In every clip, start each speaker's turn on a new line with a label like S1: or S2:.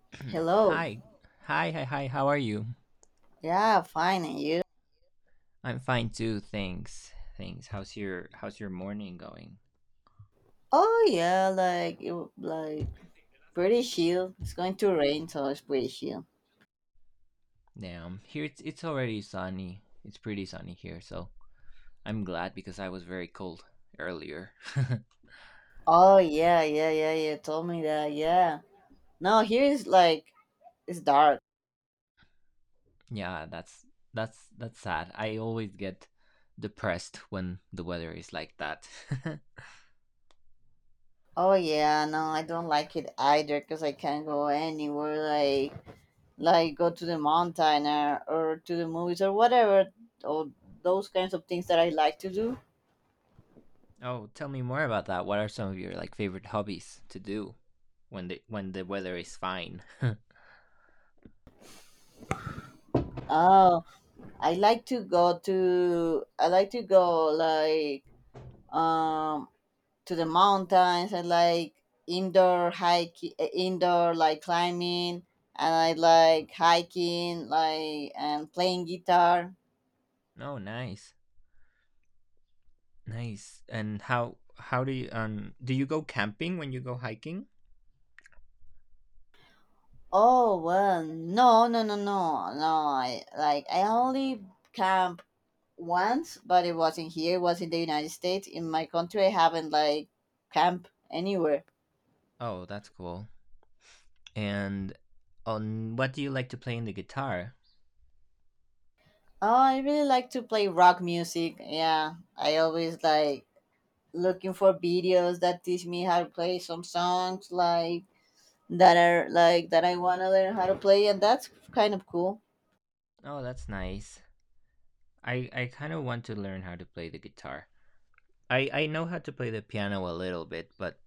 S1: Hello.
S2: Hi. Hi. How are you?
S1: Yeah, fine. And you?
S2: I'm fine too, thanks. Thanks. How's your morning going?
S1: Oh yeah, like pretty chill. It's going to rain, so it's pretty chill.
S2: Damn. Here it's already sunny. It's pretty sunny here, so I'm glad because I was very cold earlier.
S1: Oh yeah. You told me that. Yeah. No, here is it's dark.
S2: Yeah, that's sad. I always get depressed when the weather is like that.
S1: Oh yeah, no, I don't like it either because I can't go anywhere. Like go to the mountain or to the movies or whatever. Or those kinds of things that I like to do.
S2: Oh, tell me more about that. What are some of your like favorite hobbies to do when the weather is fine?
S1: Oh, I like to go um to the mountains. I like indoor hiking, indoor climbing, and I like hiking, and playing guitar.
S2: Oh, nice. Nice. And how do you go camping when you go hiking?
S1: Oh well, no. I only camp once, but it wasn't here. It was in the United States. In my country, I haven't camp anywhere.
S2: Oh, that's cool. And on what do you like to play in the guitar?
S1: Oh, I really like to play rock music. Yeah, I always like looking for videos that teach me how to play some songs like that are like that I want to learn how to play, and that's kind of cool.
S2: Oh, that's nice. I kind of want to learn how to play the guitar. I know how to play the piano a little bit, but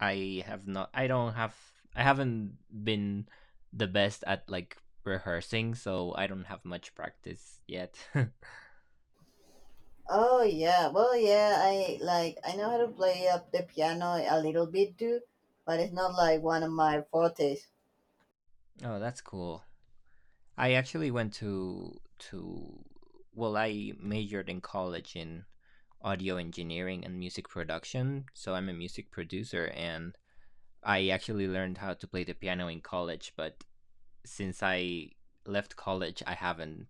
S2: I don't have I haven't been the best at like rehearsing, so I don't have much practice yet. Oh,
S1: Yeah, I know how to play up the piano a little bit too, but it's not like one of my fortes.
S2: that's cool. I actually went to well, I majored in college in audio engineering and music production, so I'm a music producer and I actually learned how to play the piano in college, but since I left college,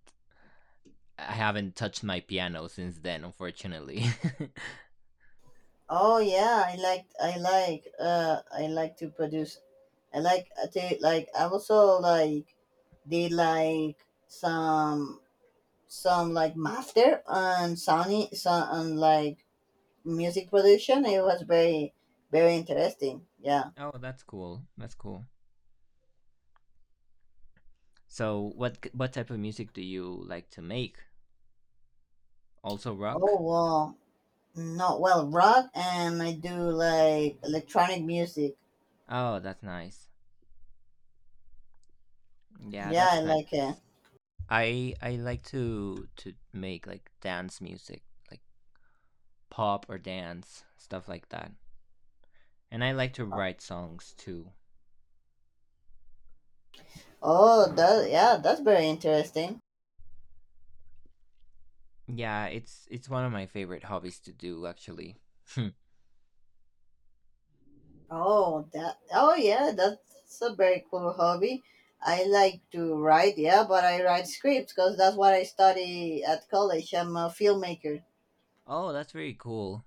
S2: I haven't touched my piano since then, unfortunately.
S1: Oh yeah, I like to produce. I like to I also like did some some master on Sony some on music production. It was very interesting. Yeah.
S2: Oh, that's cool. That's cool. So, what type of music do you like to make? Also
S1: Oh
S2: rock?
S1: wow. No, well, rock and I do like electronic music.
S2: Oh, that's nice. Yeah,
S1: Yeah, I
S2: that's nice.
S1: like it.
S2: I like to make like dance music, like pop or dance stuff like that. And I like to write songs too.
S1: Oh, that yeah, that's very interesting.
S2: Yeah, it's one of my favorite hobbies to do actually.
S1: Oh, that oh yeah, that's a very cool hobby. I like to write, yeah, but I write scripts because that's what I study at college. I'm a filmmaker.
S2: Oh, that's very cool.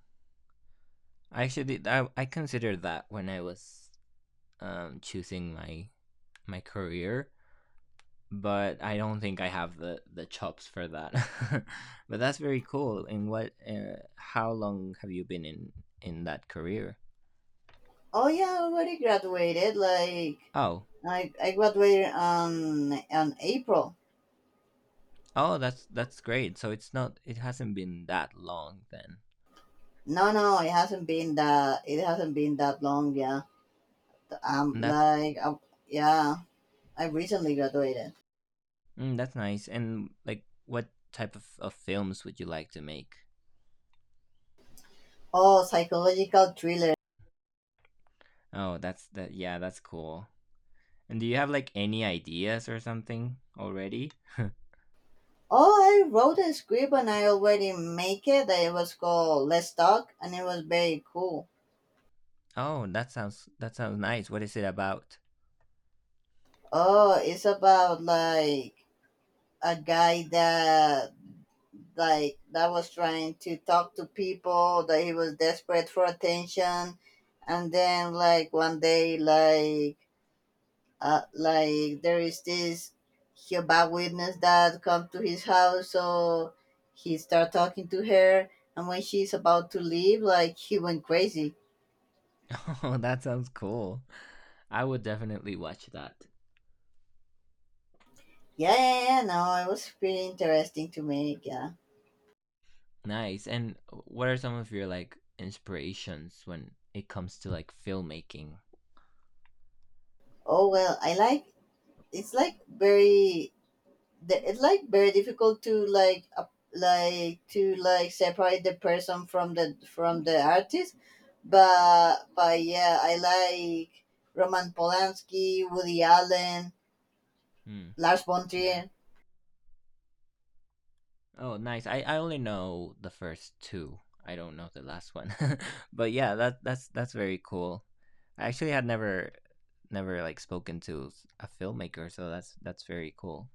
S2: I actually, I considered that when I was choosing my career, but I don't think I have the chops for that. But that's very cool. And what how long have you been in that career?
S1: Oh yeah, I already graduated. Like
S2: Oh.
S1: I, I graduated on April.
S2: Oh, that's great. So it's not it hasn't been that long then.
S1: No, it hasn't been that long. Yeah, I'm
S2: And that's
S1: like, I yeah. I recently graduated.
S2: mm, that's nice. And like what type of films would you like to make?
S1: Oh, psychological thriller.
S2: Oh, that's that that's cool. And do you have like any ideas or something already?
S1: Oh, I wrote a script and I already make it. It was called Let's Talk, and it was very cool.
S2: Oh, that sounds nice. What is it about?
S1: Oh, it's about a guy that was trying to talk to people that he was desperate for attention, and then one day there is this he Jehovah Witness that come to his house, so he start talking to her, and when she's about to leave, he went crazy.
S2: Oh, that sounds cool. I would definitely watch that.
S1: Yeah. No, it was pretty interesting to me. Yeah.
S2: Nice. And what are some of your like inspirations when it comes to like filmmaking?
S1: Oh well, I like. It's like very. It's like very difficult to separate the person from the artist, but yeah, I like Roman Polanski, Woody Allen,
S2: Hmm.
S1: Lars von
S2: Yeah.
S1: Trier.
S2: Oh, nice. I, only know the first two. I don't know the last one. But yeah, that's very cool. I actually had never like spoken to s- a filmmaker, so that's very cool.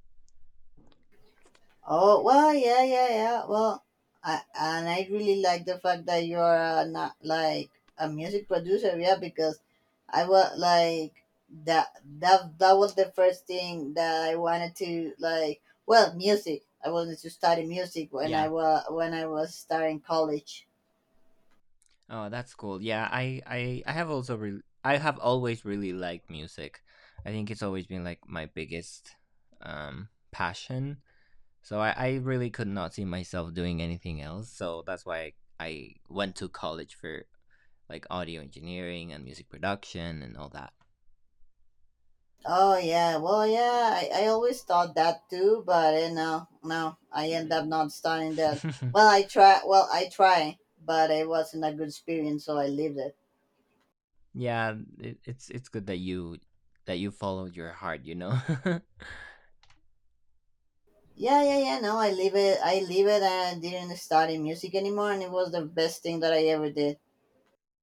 S1: Oh well, and I really like the fact that you are not like a music producer, yeah, because I was like that was the first thing that I wanted to Well, music. I wanted to study music
S2: Yeah.
S1: when I was starting college.
S2: Oh, that's cool. Yeah, I have also re- I have always really liked music. I think it's always been like my biggest passion. So I really could not see myself doing anything else. So that's why I went to college for like audio engineering and music production and all that.
S1: Yeah, I always thought that too, but you know, no, I end up not starting that. Well, I try. Well, I try, but it wasn't a good experience, so I leave it.
S2: Yeah, it's good that you followed your heart, you know.
S1: Yeah. No, I leave it. I leave it, and didn't study music anymore, and it was the best thing that I ever did.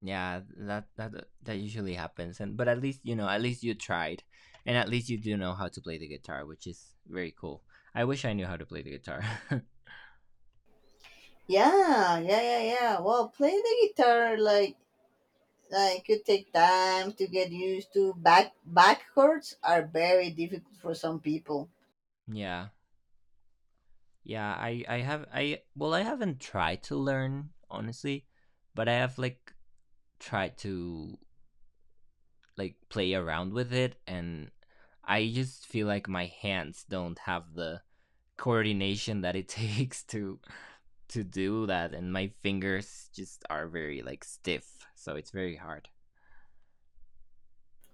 S2: Yeah, that usually happens. And but at least, you know, at least you tried and at least you do know how to play the guitar, which is very cool. I wish I knew how to play the guitar.
S1: Yeah. Well, playing the guitar like you take time to get used to. Back chords are very difficult for some people.
S2: Yeah. Yeah, I have I well I haven't tried to learn honestly, but I have like tried to like play around with it and I just feel like my hands don't have the coordination that it takes to do that and my fingers just are very like stiff, so it's very hard.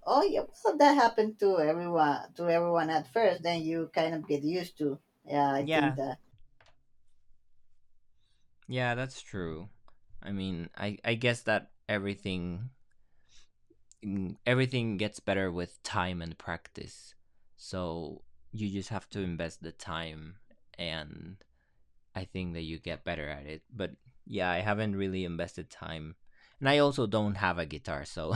S1: Oh yeah, well that happened to everyone at first. Then you kind of get used to. Yeah, I think
S2: Yeah.
S1: that.
S2: Yeah, that's true. I mean, I guess that everything mm, everything gets better with time and practice. So you just have to invest the time, and I think that you get better at it. But yeah, I haven't really invested time. And I also don't have a guitar, so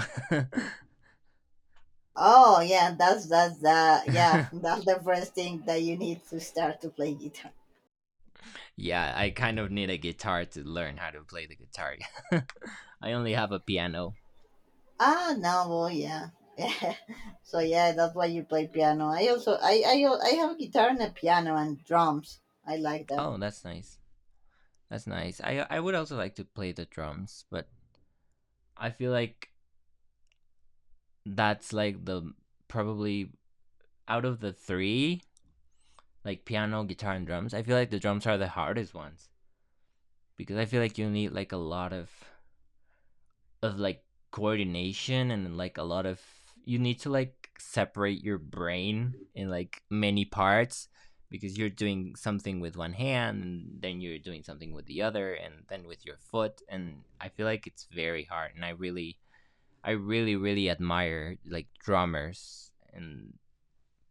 S1: Yeah, that's the first thing that you need to start to play guitar.
S2: yeah, I kind of need a guitar to learn how to play the guitar. I only have a piano.
S1: Ah no, well yeah. so yeah, that's why you play piano. I also I al- I have guitar and a piano and drums. I like that.
S2: Oh, that's nice. That's nice. I would also like to play the drums, but I feel like that's like the probably out of the three like piano, guitar, and drums. I feel like the drums are the hardest ones because I feel like you need like a lot of like coordination and like a lot of you need to like separate your brain in like many parts because you're doing something with one hand and then you're doing something with the other and then with your foot and I feel like it's very hard and I really really admire like drummers and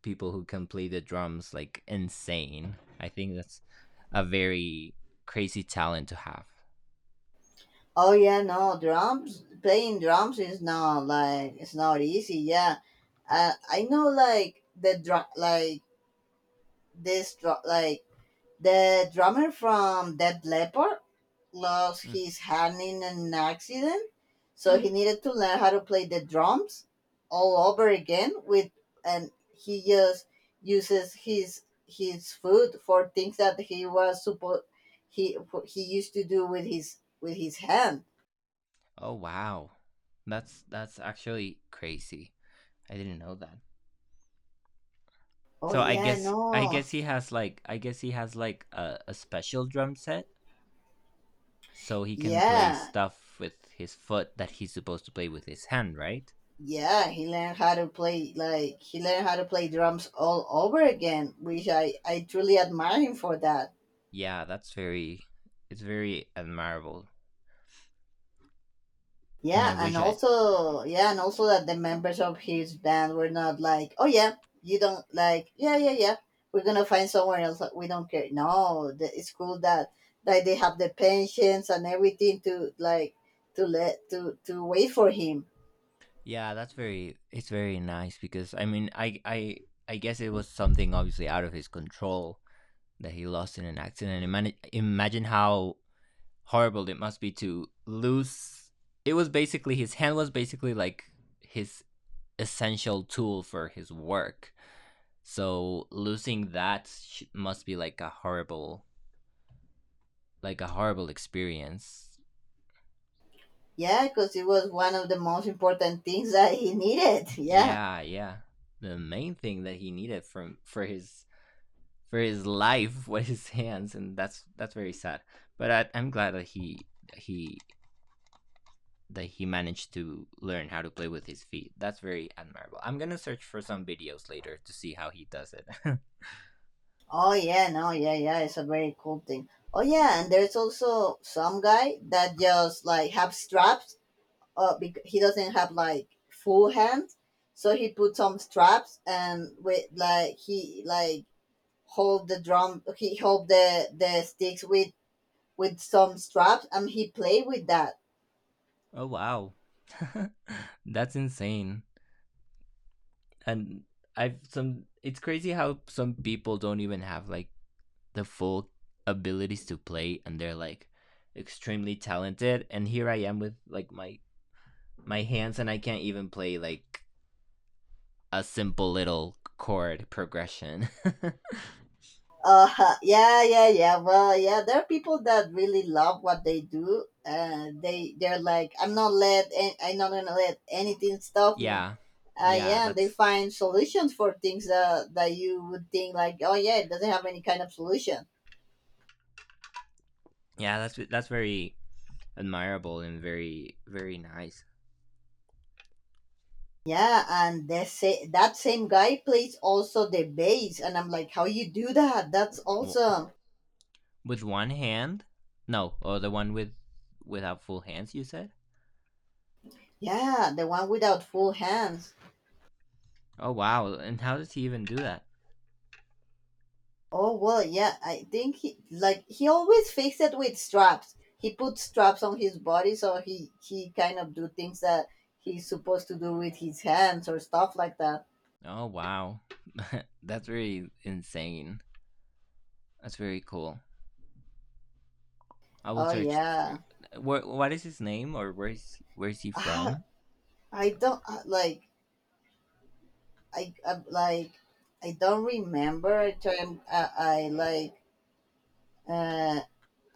S2: people who can play the drums like insane. I think that's a very crazy talent to have.
S1: Oh yeah, no drums. Playing drums is not like it's not easy. Yeah, I know like the drummer from Dead Leopard lost
S2: Mm.
S1: his hand in an accident, so he needed to learn how to play the drums all over again with and he just uses his foot for things that he was supposed he he used to do with his hand.
S2: Oh wow. That's actually crazy. I didn't know that.
S1: Oh
S2: So
S1: yeah,
S2: I
S1: no.
S2: guess he has like he has like a special drum set so he can play
S1: Yeah.
S2: stuff with his foot that he's supposed to play with his hand, right?
S1: Yeah, he learned how to play drums all over again, which I truly admire him for that.
S2: Yeah, that's very it's very admirable. And I
S1: Yeah, and
S2: wish I
S1: also that the members of his band were not like, oh yeah, you don't like, we're gonna find somewhere else. We don't care. No, it's cool that like they have the pensions and everything to like to let to wait for him.
S2: Yeah, that's very it's very nice because I mean I guess it was something obviously out of his control that he lost in an accident. Imagine how horrible it must be to lose it was basically his hand was basically like his essential tool for his work. So losing that sh- must be like a horrible experience.
S1: Yeah, because it was one of the most important things that he needed. Yeah.
S2: Yeah, yeah. The main thing that he needed from for his life with his hands, and that's very sad. But I'm glad that he that he managed to learn how to play with his feet. That's very admirable. I'm gonna search for some videos later to see how he does it.
S1: Oh yeah, no, yeah, yeah, it's a very cool thing. Oh yeah, and there's also some guy that just have straps because he doesn't have full hands, so he put some straps and with like he like hold the drum, he hold the sticks with some straps, and he play with that.
S2: Oh wow. That's insane. And I've some. It's crazy how some people don't even have like the full abilities to play, and they're like extremely talented. And here I am with like my hands, and I can't even play like a simple little chord progression.
S1: Uh, yeah, yeah, yeah. Well, yeah, there are people that really love what they do. They're like, I'm not gonna let anything stop me.
S2: Yeah. Yeah,
S1: Yeah, and they
S2: that's
S1: find solutions for things that you would think like, oh yeah, it doesn't have any kind of solution.
S2: yeah, that's very admirable and very very nice.
S1: Yeah, and that same guy plays also the bass, and I'm like, how you do that? That's awesome.
S2: With one hand? No, oh the one with without full hands you said?
S1: Yeah, the one without full hands.
S2: Oh wow, and how does he even do that?
S1: Oh well, yeah, I think he always fixed it with straps. He put straps on his body, so he kind of do things that he's supposed to do with his hands or stuff like that.
S2: Oh wow. That's really insane. That's very cool. I will
S1: Oh
S2: search for
S1: yeah,
S2: What is his name or where is he
S1: ah,
S2: from?
S1: I don't uh, like I, I like I don't remember a time I like. Uh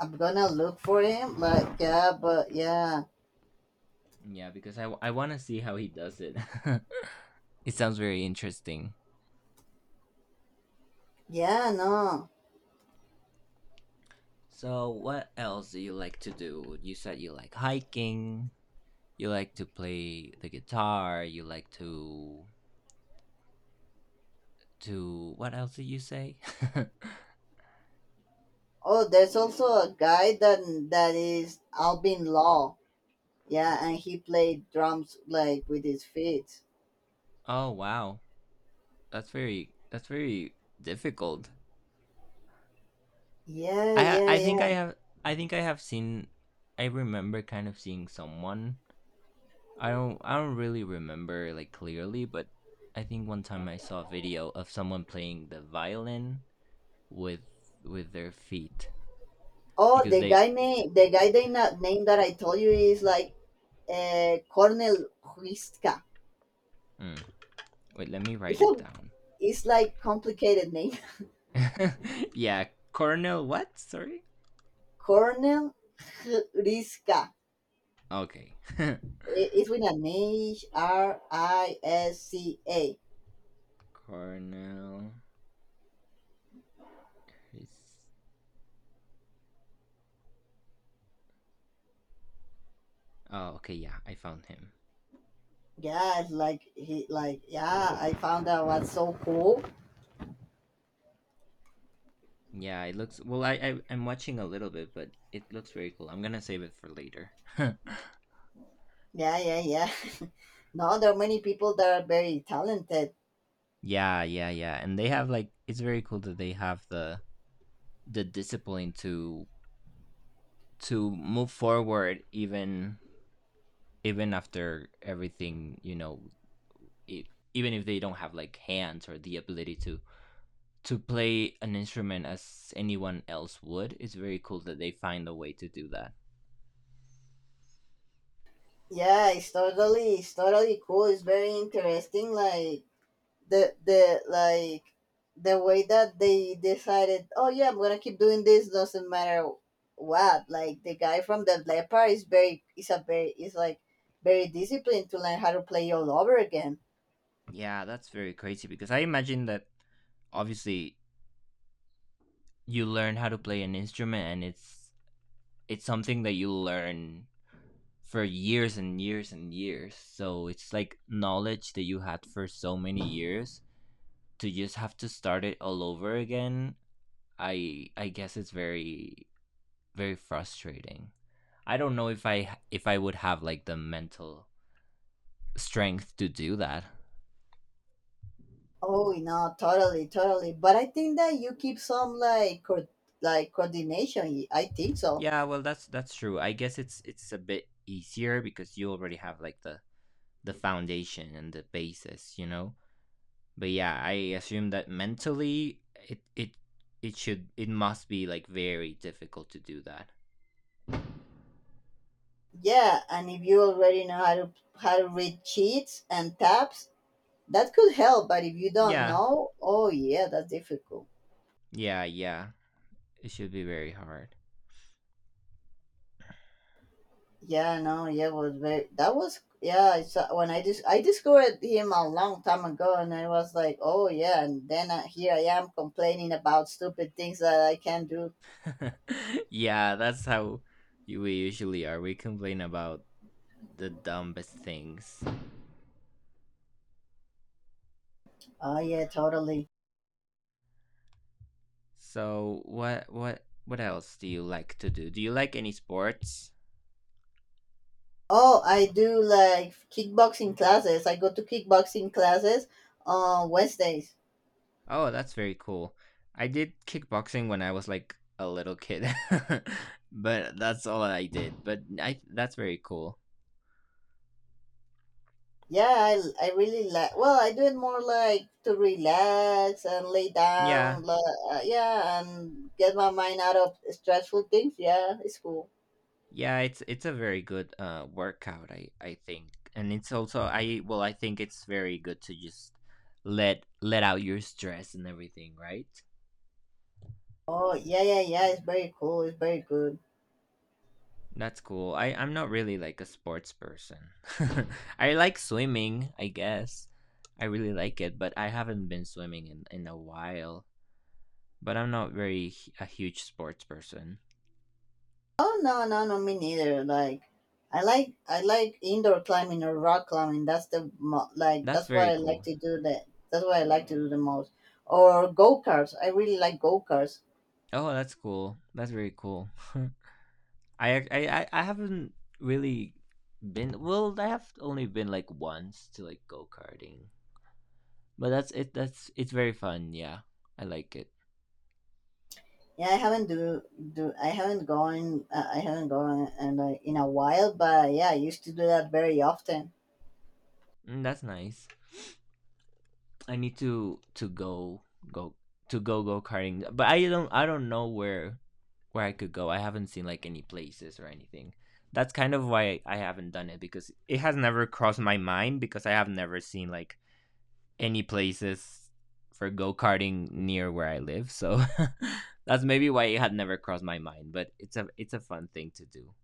S1: I'm gonna look for him, but yeah,
S2: Yeah, because I want to see how he does it. It sounds very interesting.
S1: yeah, no.
S2: So, what else do you like to do? You said you like hiking, you like to play the guitar, you like to what else did you say?
S1: Oh, there's also a guy that is Albin Law. Yeah, and he played drums like with his feet.
S2: Oh, wow. That's very difficult.
S1: Yeah,
S2: I
S1: yeah,
S2: I think I
S1: yeah.
S2: have I think I have seen I remember kind of seeing someone I don't really remember like clearly, but I think one time I saw a video of someone playing the violin with their feet
S1: Oh,
S2: because they
S1: the guy they not name that I told you is like Cornel Huiska.
S2: mm, wait, let me write
S1: It's
S2: it
S1: a,
S2: down.
S1: it's like complicated name.
S2: Yeah, Cornell what? Sorry.
S1: Cornel Huiska.
S2: Okay.
S1: It's with an Hrisca.
S2: Cornell is Oh, okay, yeah, I found him.
S1: Yeah, it's like he like yeah, I found that was so cool.
S2: Yeah, it looks well. I'm watching a little bit, but it looks very cool. I'm gonna save it for later.
S1: Yeah, no, there are many people that are very talented.
S2: Yeah, yeah, yeah. And they have like it's very cool that they have the discipline to move forward even after everything you know e- even if they don't have like hands or the ability to play an instrument as anyone else would it's very cool that they find a way to do that
S1: Yeah, it's totally cool. It's very interesting the the like the way that they decided, oh yeah, I'm gonna keep doing this doesn't matter what. Like the guy from the leopard is very is a very is like very disciplined to learn how to play all over again.
S2: yeah that's very crazy because I imagine that obviously you learn how to play an instrument and it's something that you learn for years and years and years so it's like knowledge that you had for so many years to just have to start it all over again, I guess it's very very frustrating. I don't know if I would have like the mental strength to do that.
S1: Oh, no, totally. But I think that you keep some coordination. I think so.
S2: Yeah, well that's true. I guess it's a bit easier because you already have like the foundation and the basis, you know. But yeah, I assume that mentally it it should it must be like very difficult to do that.
S1: Yeah, and if you already know how to read cheats and tabs, that could help. But if you don't
S2: Yeah.
S1: know, oh yeah, that's difficult.
S2: Yeah, yeah. It should be very hard.
S1: Yeah, no, yeah, was very. That was yeah. I saw when I discovered him a long time ago, and I was like, oh yeah, and then here I am complaining about stupid things that I can't do.
S2: Yeah, that's how you- we usually are. We complain about the dumbest things.
S1: Oh yeah, totally.
S2: So what what else do you like to do? Do you like any sports?
S1: Oh, I do like kickboxing classes. I go to kickboxing classes on Wednesdays.
S2: Oh, that's very cool. I did kickboxing when I was like a little kid, but that's all I did. But I that's very cool.
S1: Yeah, I really like. Well, I do it more like to relax and lay
S2: Yeah.
S1: down. Yeah, and get my mind out of stressful things. Yeah, it's cool.
S2: Yeah, it's a very good workout, I think. And it's also I well, I think it's very good to just let out your stress and everything, right?
S1: Oh, yeah. It's very cool. It's very good.
S2: That's cool. I'm not really like a sports person. I like swimming, I guess. I really like it, but I haven't been swimming in a while. But I'm not very a huge sports person.
S1: Oh no, me neither. Like, I like indoor climbing or rock climbing.
S2: That's
S1: That's what
S2: very
S1: I like
S2: cool.
S1: to do. That's what I like to do the most. Or go karts. I really like go karts.
S2: Oh, that's cool. That's very cool. I haven't really been. I have only been like once to like go karting, but that's it. That's It's very fun. Yeah, I like it.
S1: Yeah, I haven't gone and in a while. But yeah, I used to do that very often.
S2: Mm, that's nice. I need go to go go karting, but I don't know where I could go. I haven't seen like any places or anything. That's kind of why I haven't done it because it has never crossed my mind because I have never seen like any places for go karting near where I live, so that's maybe why it had never crossed my mind. But it's a fun thing to do.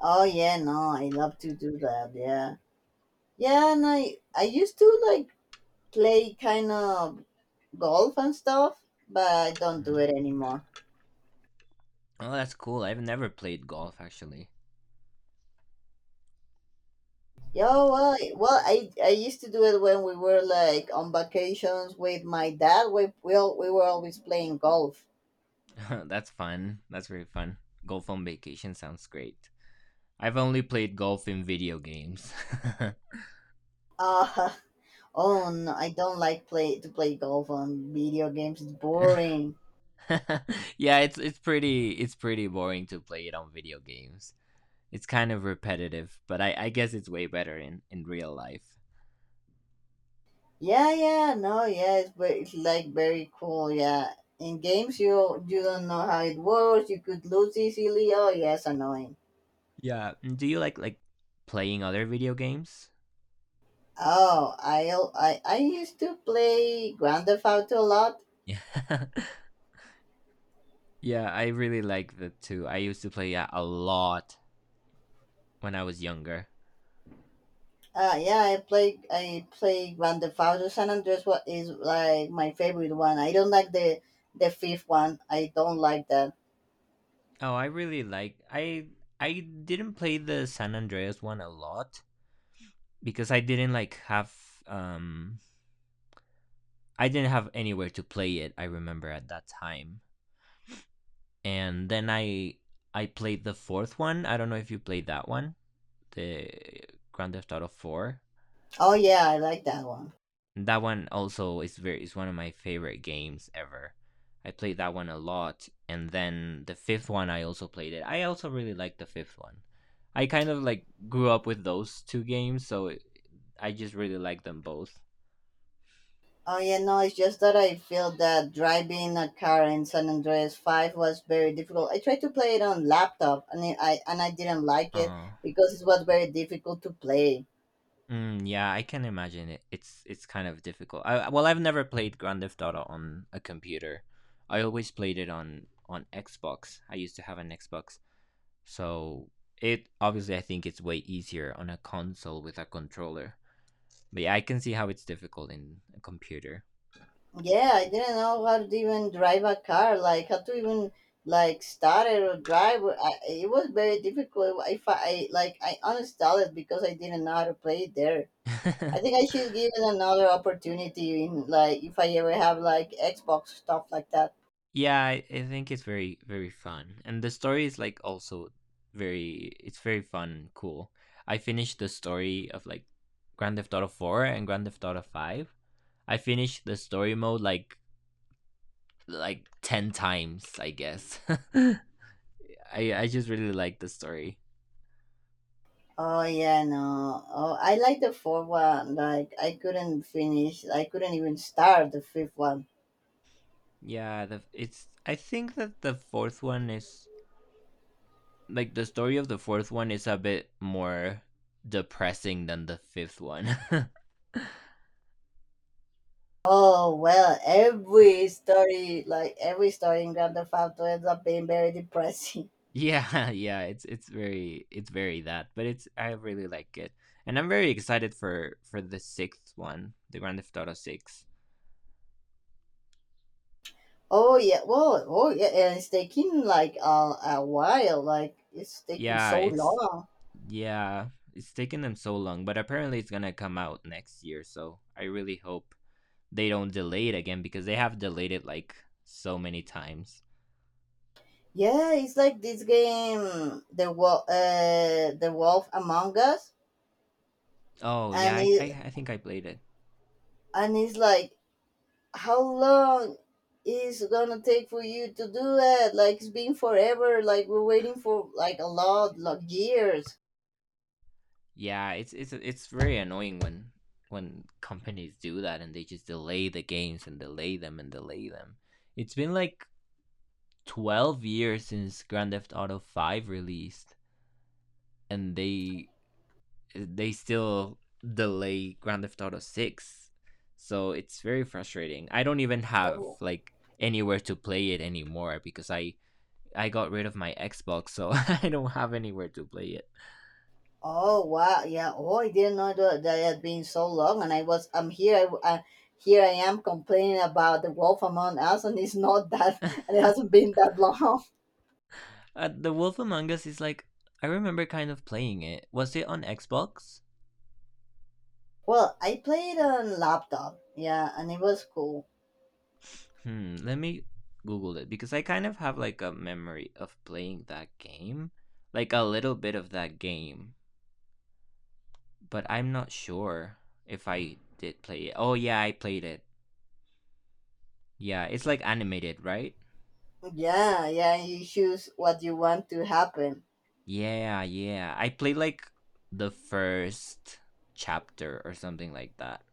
S1: Oh yeah, no, I love to do that. Yeah, yeah, and I used to play kind of golf and stuff, but I don't do it
S2: Mm.
S1: anymore.
S2: Oh, that's cool. I've never played golf actually.
S1: Yeah, well, I used to do it when we were like on vacations with my dad. We were always playing golf.
S2: That's fun. That's very fun. Golf on vacation sounds great. I've only played golf in video games.
S1: Uh, oh no, I don't like play to play golf on video games. It's boring.
S2: Yeah, it's it's pretty boring to play it on video games. It's kind of repetitive, but I guess it's way better in real life.
S1: Yeah, yeah, no, yeah, it's like very cool. Yeah, in games you don't know how it works. You could lose easily. Oh yes, annoying.
S2: Yeah. And do you like playing other video games?
S1: Oh, I I used to play Grand Theft Auto a lot.
S2: Yeah. Yeah, I really like that too. I used to play that a lot when I was younger.
S1: Yeah, I play Grand Theft Auto San Andreas. What is like my favorite one? I don't like the fifth one. I don't like that.
S2: Oh, I really like. I didn't play the San Andreas one a lot because I didn't like have I didn't have anywhere to play it, I remember at that time. And then I played the fourth one. I don't know if you played that one, the Grand Theft Auto 4.
S1: Oh yeah, I like that one.
S2: That one also is one of my favorite games ever. I played that one a lot, and then the fifth one I also played it. I also really liked the fifth one. I kind of like grew up with those two games, so I just really like them both.
S1: Oh yeah, no, it's just that I feel that driving a car in San Andreas Five was very difficult. I tried to play it on laptop and I didn't like it
S2: Uh,
S1: because it was very difficult to play.
S2: yeah, I can imagine it. It's kind of difficult. Well, I've never played Grand Theft Auto on a computer. I always played it on Xbox. I used to have an Xbox, so it obviously I think it's way easier on a console with a controller. But yeah, I can see how it's difficult in a computer.
S1: Yeah, I didn't know how to even drive a car, like how to even like start it or drive. It was very difficult. If I like I uninstalled it because I didn't know how to play it there. I think I should give it another opportunity, in like if I ever have like Xbox, stuff like that.
S2: Yeah, I think it's very fun, and the story is like also very it's very fun and cool. I finished the story of like Grand Theft Auto 4 and Grand Theft Auto 5. I finished the story mode like 10 times, I guess. I I just really like the story.
S1: Oh yeah, no. Oh, I like the fourth one. Like I couldn't finish. I couldn't even start the fifth one.
S2: Yeah, the, it's. I think that the fourth one is the story of the fourth one is a bit more depressing than the fifth one.
S1: Oh well, every story, like every story in Grand Theft Auto, ends up being very depressing.
S2: Yeah, yeah, it's it's very that, but it's I really like it, and I'm very excited for the sixth one, the Grand Theft Auto Six.
S1: Oh yeah, well, oh yeah, and it's taking like a while. Like it's taking
S2: Yeah,
S1: so
S2: it's
S1: long.
S2: yeah, it's taken them so long, but apparently it's gonna come out next year, so I really hope they don't delay it again because they have delayed it like so many times.
S1: Yeah, it's like this game, the Wolf Among Us,
S2: Oh yeah,
S1: and
S2: I I think I played it.
S1: it's like how long is it gonna take for you to do that? Like it's been forever. Like we're waiting for like a lot, like years.
S2: Yeah, it's it's very annoying when companies do that and they just delay the games and delay them and delay them. It's been like 12 years since Grand Theft Auto 5 released and they still delay Grand Theft Auto 6. So it's very frustrating. I don't even have
S1: Oh.
S2: like anywhere to play it anymore because I got rid of my Xbox, so I don't have anywhere to play it.
S1: Oh wow, yeah. Oh, I didn't know that that had been so long, and I'm here. I Here I am complaining about the Wolf Among Us, and it's not that, and it hasn't been that long.
S2: The Wolf Among Us is like, I remember kind of playing it. Was it on Xbox?
S1: Well, I played on laptop, yeah, and it was cool.
S2: Hmm. Let me Google it because I kind of have like a memory of playing that game, like a little bit of that game, but I'm not sure if I did play it. Oh yeah, I played it. Yeah, it's like animated, right?
S1: Yeah, yeah. You choose what you want to happen.
S2: Yeah, yeah. I played like the first chapter or something like that.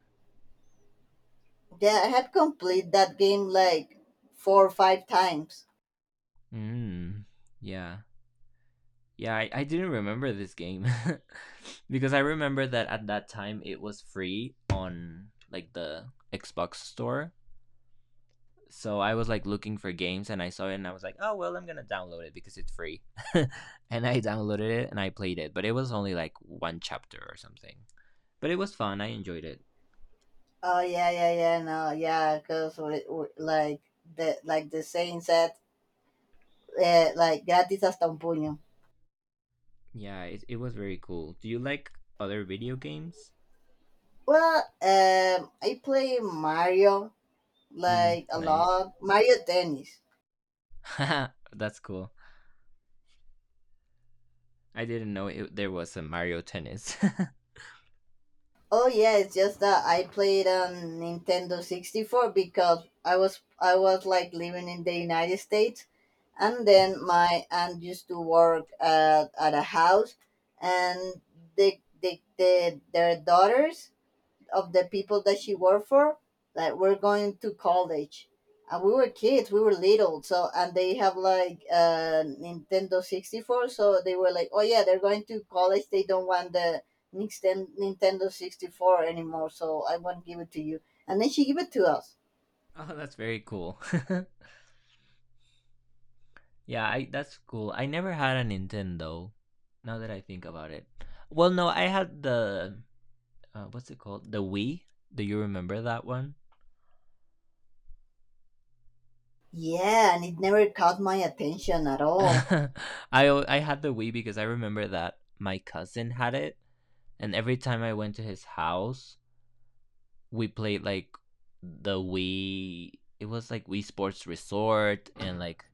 S1: Yeah, I had complete that game like four or five times.
S2: Mm. Yeah. Yeah, I didn't remember this game because I remember that at that time it was free on like the Xbox store. So I was like looking for games and I saw it and I was like, oh, well, I'm going to download it because it's free. And I downloaded it and I played it, but it was only like one chapter or something. But it was fun. I enjoyed it.
S1: Oh yeah, yeah, yeah. No, yeah, because like like the saying said, like gratis hasta un puño.
S2: Yeah, it was very cool. Do you like other video games?
S1: Well, I play Mario
S2: Mm,
S1: like a
S2: nice.
S1: lot. Mario Tennis.
S2: That's cool. I didn't know it, there was a Mario Tennis.
S1: Oh yeah, it's just that I played on Nintendo 64 because I was like living in the United States, and then my aunt used to work at a house, and they their daughters of the people that she worked for that were going to college. And we were kids, we were little. So, and they have like Nintendo 64. So they were like, oh yeah, they're going to college. They don't want the Nintendo 64 anymore. So I won't give it to you. And then she gave it to us.
S2: Oh, that's very cool. Yeah, I that's cool. I never had a Nintendo. Now that I think about it, well, no, I had the what's it called? The Wii. Do you remember that one?
S1: Yeah, and it never caught my attention at all.
S2: I I had the Wii because I remember that my cousin had it, and every time I went to his house, we played like the Wii. It was like Wii Sports Resort and like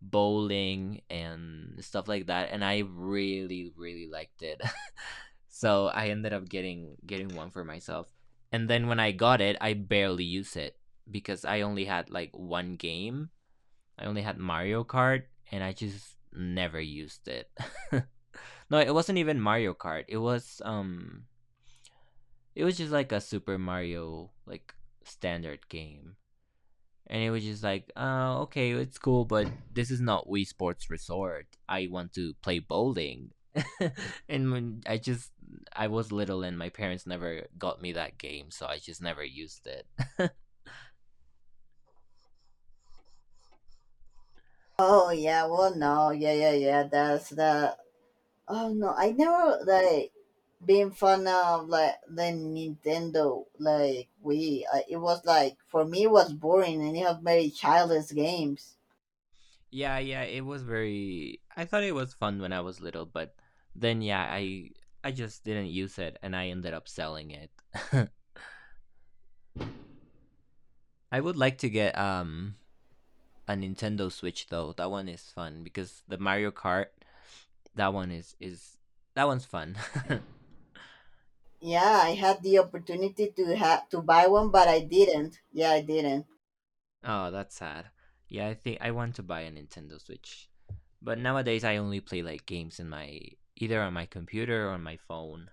S2: bowling and stuff like that, and I really really liked it. So I ended up getting one for myself. And then when I got it, I barely used it because I only had like one game. I only had Mario Kart and I just never used it. No, it wasn't even Mario Kart. It was just like a Super Mario like standard game and it was just like, oh, okay, it's cool, but this is not Wii Sports Resort. I want to play bowling. And when I just I was little and my parents never got me that game, so I just never used it.
S1: Oh yeah, well no, yeah, yeah, yeah. That's the. Oh no, I never like being fan of like the Nintendo, like it was like for me it was boring, and it had very childless games.
S2: Yeah, yeah, it was very I thought it was fun when I was little, but then yeah, I just didn't use it and I ended up selling it. I would like to get a Nintendo Switch though. That one is fun because the Mario Kart, that one is is that one's fun.
S1: Yeah, I had the opportunity to have to buy one, but I didn't. Yeah, I didn't.
S2: Oh, that's sad. Yeah, I think I want to buy a Nintendo Switch, but nowadays I only play like games in my, either on my computer or on my phone.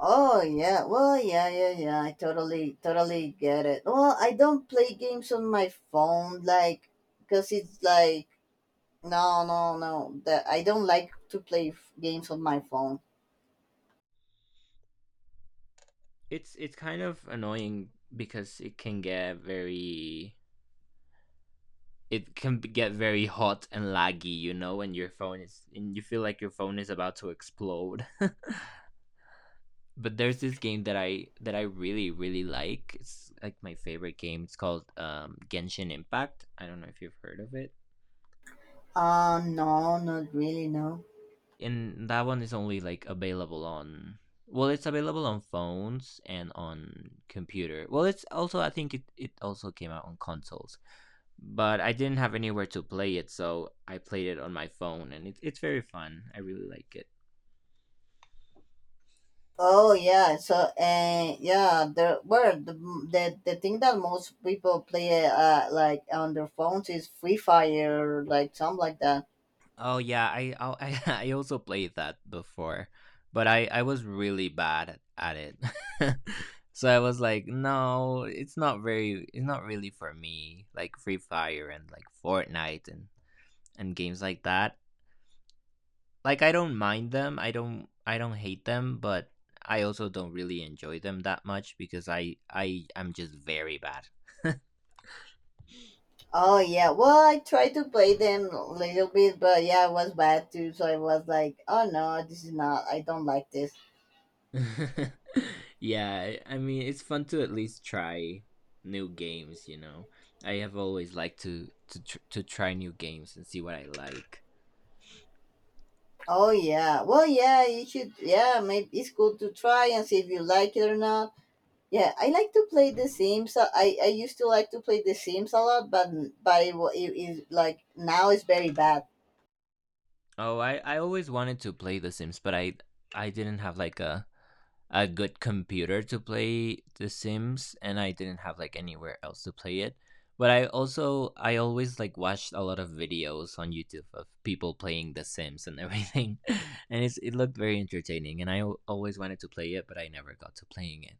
S1: Oh yeah, well yeah yeah yeah. I totally get it. Well, I don't play games on my phone, like, cause it's like no no no. That I don't like to play games on my phone.
S2: It's kind of annoying because it can get very it can get very hot and laggy, you know, when your phone is and you feel like your phone is about to explode. But there's this game that I really really like. It's like my favorite game. It's called Genshin Impact. I don't know if you've heard of it.
S1: No, not really no.
S2: And that one is only like available on, well, it's available on phones and on computer. Well, it's also I think it also came out on consoles, but I didn't have anywhere to play it, so I played it on my phone, and it's very fun. I really like it.
S1: Oh yeah, so and yeah, the well the thing that most people play like on their phones is Free Fire, like something like that.
S2: Oh yeah, I I also played that before, but I was really bad at it. So I was like, no, it's not very it's not really for me. Like Free Fire and like Fortnite and games like that. Like I don't mind them. I don't hate them, but I also don't really enjoy them that much because I am just very bad.
S1: Oh yeah, well I tried to play them a little bit, but yeah, it was bad too. So I was like, oh no, this is not. I don't like this.
S2: Yeah, I mean, it's fun to at least try new games, you know. I have always liked to try new games and see what I like.
S1: Oh yeah, well yeah, you should, yeah, maybe it's cool to try and see if you like it or not. Yeah, I like to play The Sims. I used to like to play The Sims a lot, but it is like now it's very bad.
S2: Oh, I always wanted to play The Sims, but I didn't have like a good computer to play The Sims and I didn't have like anywhere else to play it. But I also I always like watched a lot of videos on YouTube of people playing The Sims and everything. And it looked very entertaining and always wanted to play it, but I never got to playing it.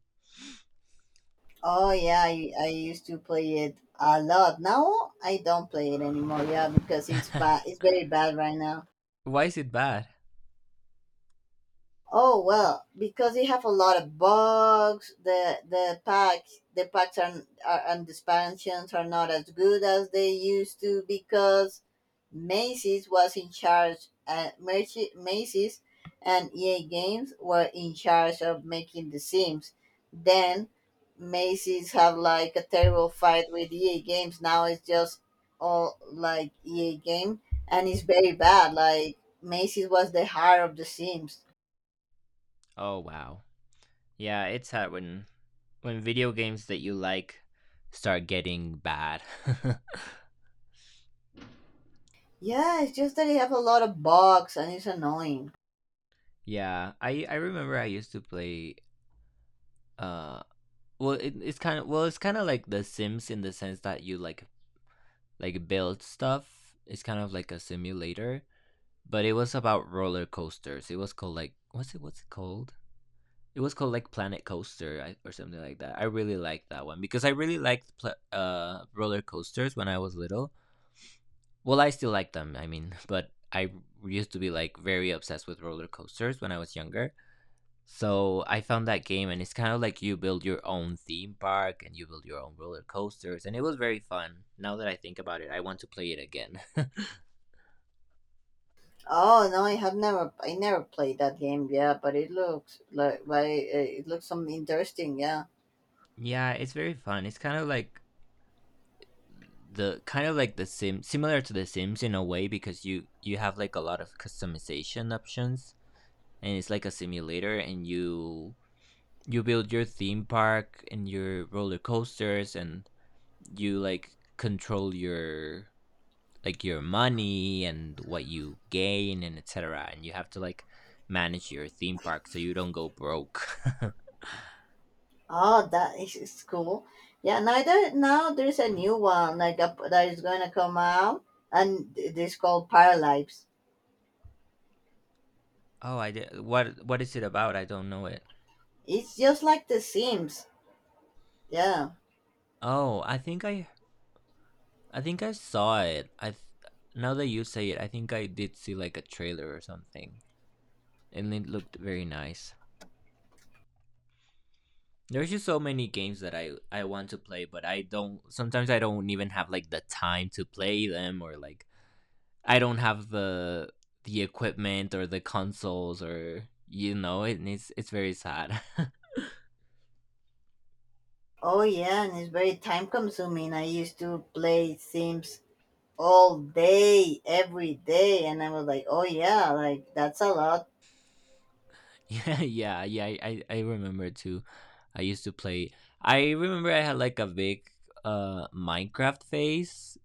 S1: Oh yeah, I used to play it a lot. Now I don't play it anymore. Yeah, because it's bad. It's very bad right now.
S2: Why is it bad?
S1: Oh well, because you have a lot of bugs. The packs are and the expansions are not as good as they used to because Macy's was in charge. Macy's and EA Games were in charge of making the Sims. Then Macy's have like a terrible fight with EA Games. Now it's just all like EA Game, and it's very bad. Like Macy's was the heart of the Sims.
S2: Oh wow. Yeah, it's hard when video games that you like start getting bad.
S1: Yeah, it's just that I have a lot of bugs and it's annoying.
S2: Yeah, I remember I used to play. Uh, it's kind of, it's kind of like The Sims in the sense that you like build stuff. It's kind of like a simulator, but it was about roller coasters. It was called like what's it called? It was called like Planet Coaster or something like that. I really liked that one because I really liked pla roller coasters when I was little. Well, I still like them. I mean, but I used to be like very obsessed with roller coasters when I was younger. So I found that game, and it's kind of like you build your own theme park and you build your own roller coasters, and it was very fun. Now that I think about it, I want to play it again.
S1: Oh no, I have never, I never played that game. Yeah, but it looks like, but it looks some interesting. Yeah.
S2: Yeah, it's very fun. It's kind of like the kind of like the similar to the Sims in a way, because you have like a lot of customization options, and it's like a simulator, and you build your theme park and your roller coasters, and you like control your like your money and what you gain and etc, and you have to like manage your theme park so you don't go broke.
S1: Oh, that is cool. Yeah. Neither now there's a new one like that is gonna come out, and it is called Paralives.
S2: Oh, I did. What is it about? I don't know it.
S1: It's just like The Sims. Yeah.
S2: Oh, I think I think I saw it. Now that you say it, I think I did see like a trailer or something, and it looked very nice. There's just so many games that I want to play, but I don't, sometimes I don't even have like the time to play them, or like I don't have the equipment or the consoles, or you know it's very sad.
S1: Oh yeah, and it's very time consuming. I used to play Sims all day, every day, and I was like, oh yeah, like that's a lot.
S2: Yeah, yeah, yeah. I remember too. I used to play. I remember I had like a big Minecraft phase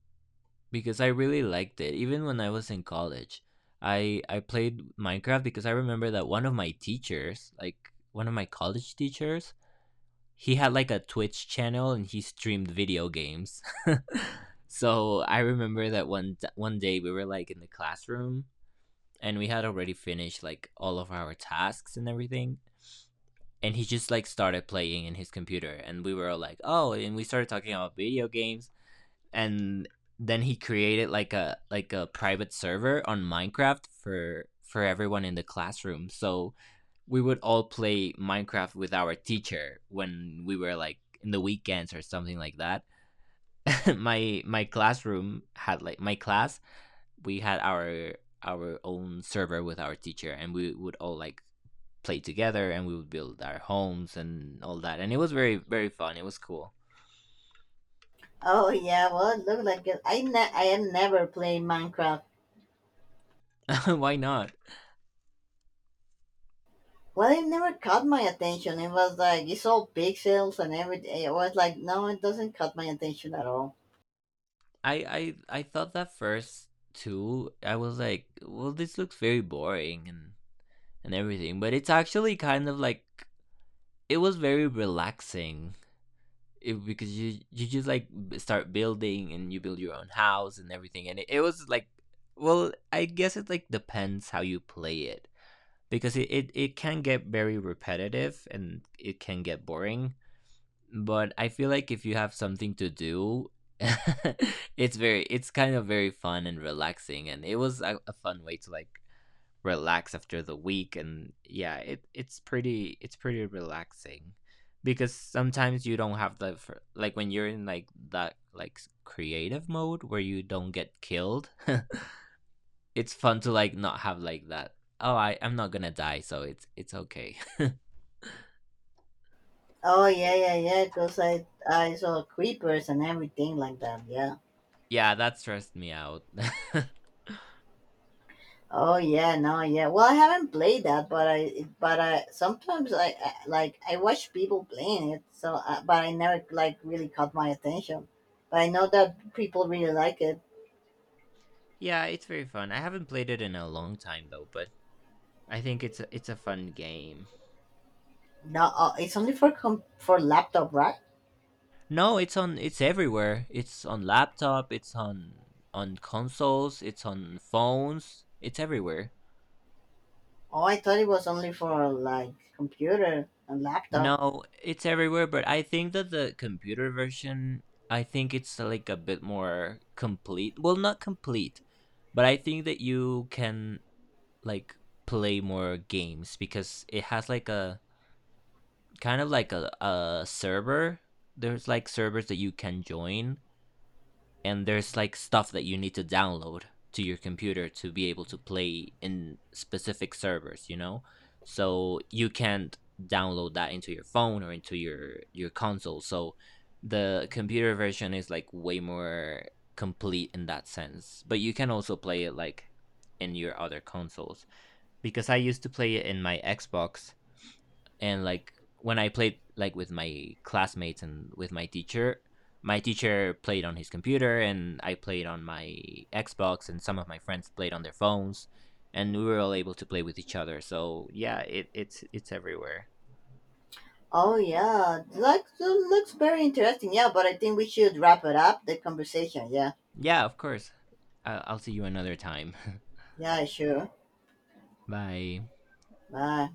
S2: because I really liked it. Even when I was in college, I played Minecraft, because I remember that one of my teachers, like one of my college teachers, he had like a Twitch channel and he streamed video games. So I remember that one day we were like in the classroom and we had already finished like all of our tasks and everything, and he just like started playing in his computer, and we were all like oh, and we started talking about video games, and then he created like a private server on Minecraft for everyone in the classroom. So we would all play Minecraft with our teacher when we were like in the weekends or something like that. My classroom had like my class, we had our own server with our teacher, and we would all like play together and we would build our homes and all that. And it was very very fun. It was cool.
S1: Oh yeah, well it looked like it. I have never played Minecraft.
S2: Why not?
S1: Well, it never caught my attention. It was like it's all pixels and everything. It was like no, it doesn't caught my attention at all.
S2: I thought that first too. I was like, well, this looks very boring and everything, but it's actually kind of like it was very relaxing, it, because you just like start building and you build your own house and everything, and it was like well, I guess it like depends how you play it, because it it can get very repetitive and it can get boring, but I feel like if you have something to do it's very it's kind of very fun and relaxing, and it was a fun way to like relax after the week. And yeah, it it's pretty relaxing, because sometimes you don't have the like when you're in like that like creative mode where you don't get killed. It's fun to like not have like that oh I'm not gonna die, so it's okay.
S1: Oh yeah, yeah, yeah, because I saw creepers and everything like that. Yeah.
S2: Yeah, that stressed me out.
S1: Oh yeah, no, yeah. Well, I haven't played that, but I sometimes I like I watch people playing it. So, but I never like really caught my attention. But I know that people really like it.
S2: Yeah, it's very fun. I haven't played it in a long time though, but I think it's it's a fun game.
S1: No, it's only for for laptop, right?
S2: No, it's on it's everywhere. It's on laptop, it's on consoles, it's on phones, it's everywhere.
S1: Oh, I thought it was only for like computer and laptop.
S2: No, it's everywhere, but I think that the computer version, I think it's like a bit more complete. Well, not complete, but I think that you can like play more games because it has like a kind of like a server. There's like servers that you can join, and there's like stuff that you need to download to your computer to be able to play in specific servers, you know? So you can't download that into your phone or into your console. So the computer version is like way more complete in that sense. But you can also play it like in your other consoles, because I used to play it in my Xbox, and like when I played like with my classmates and with my teacher played on his computer and I played on my Xbox, and some of my friends played on their phones, and we were all able to play with each other. So yeah, it's everywhere.
S1: Oh yeah, like that looks very interesting. Yeah, but I think we should wrap it up the conversation. Yeah,
S2: Yeah, of course. I'll, see you another time.
S1: yeah, sure.
S2: Bye.
S1: Bye.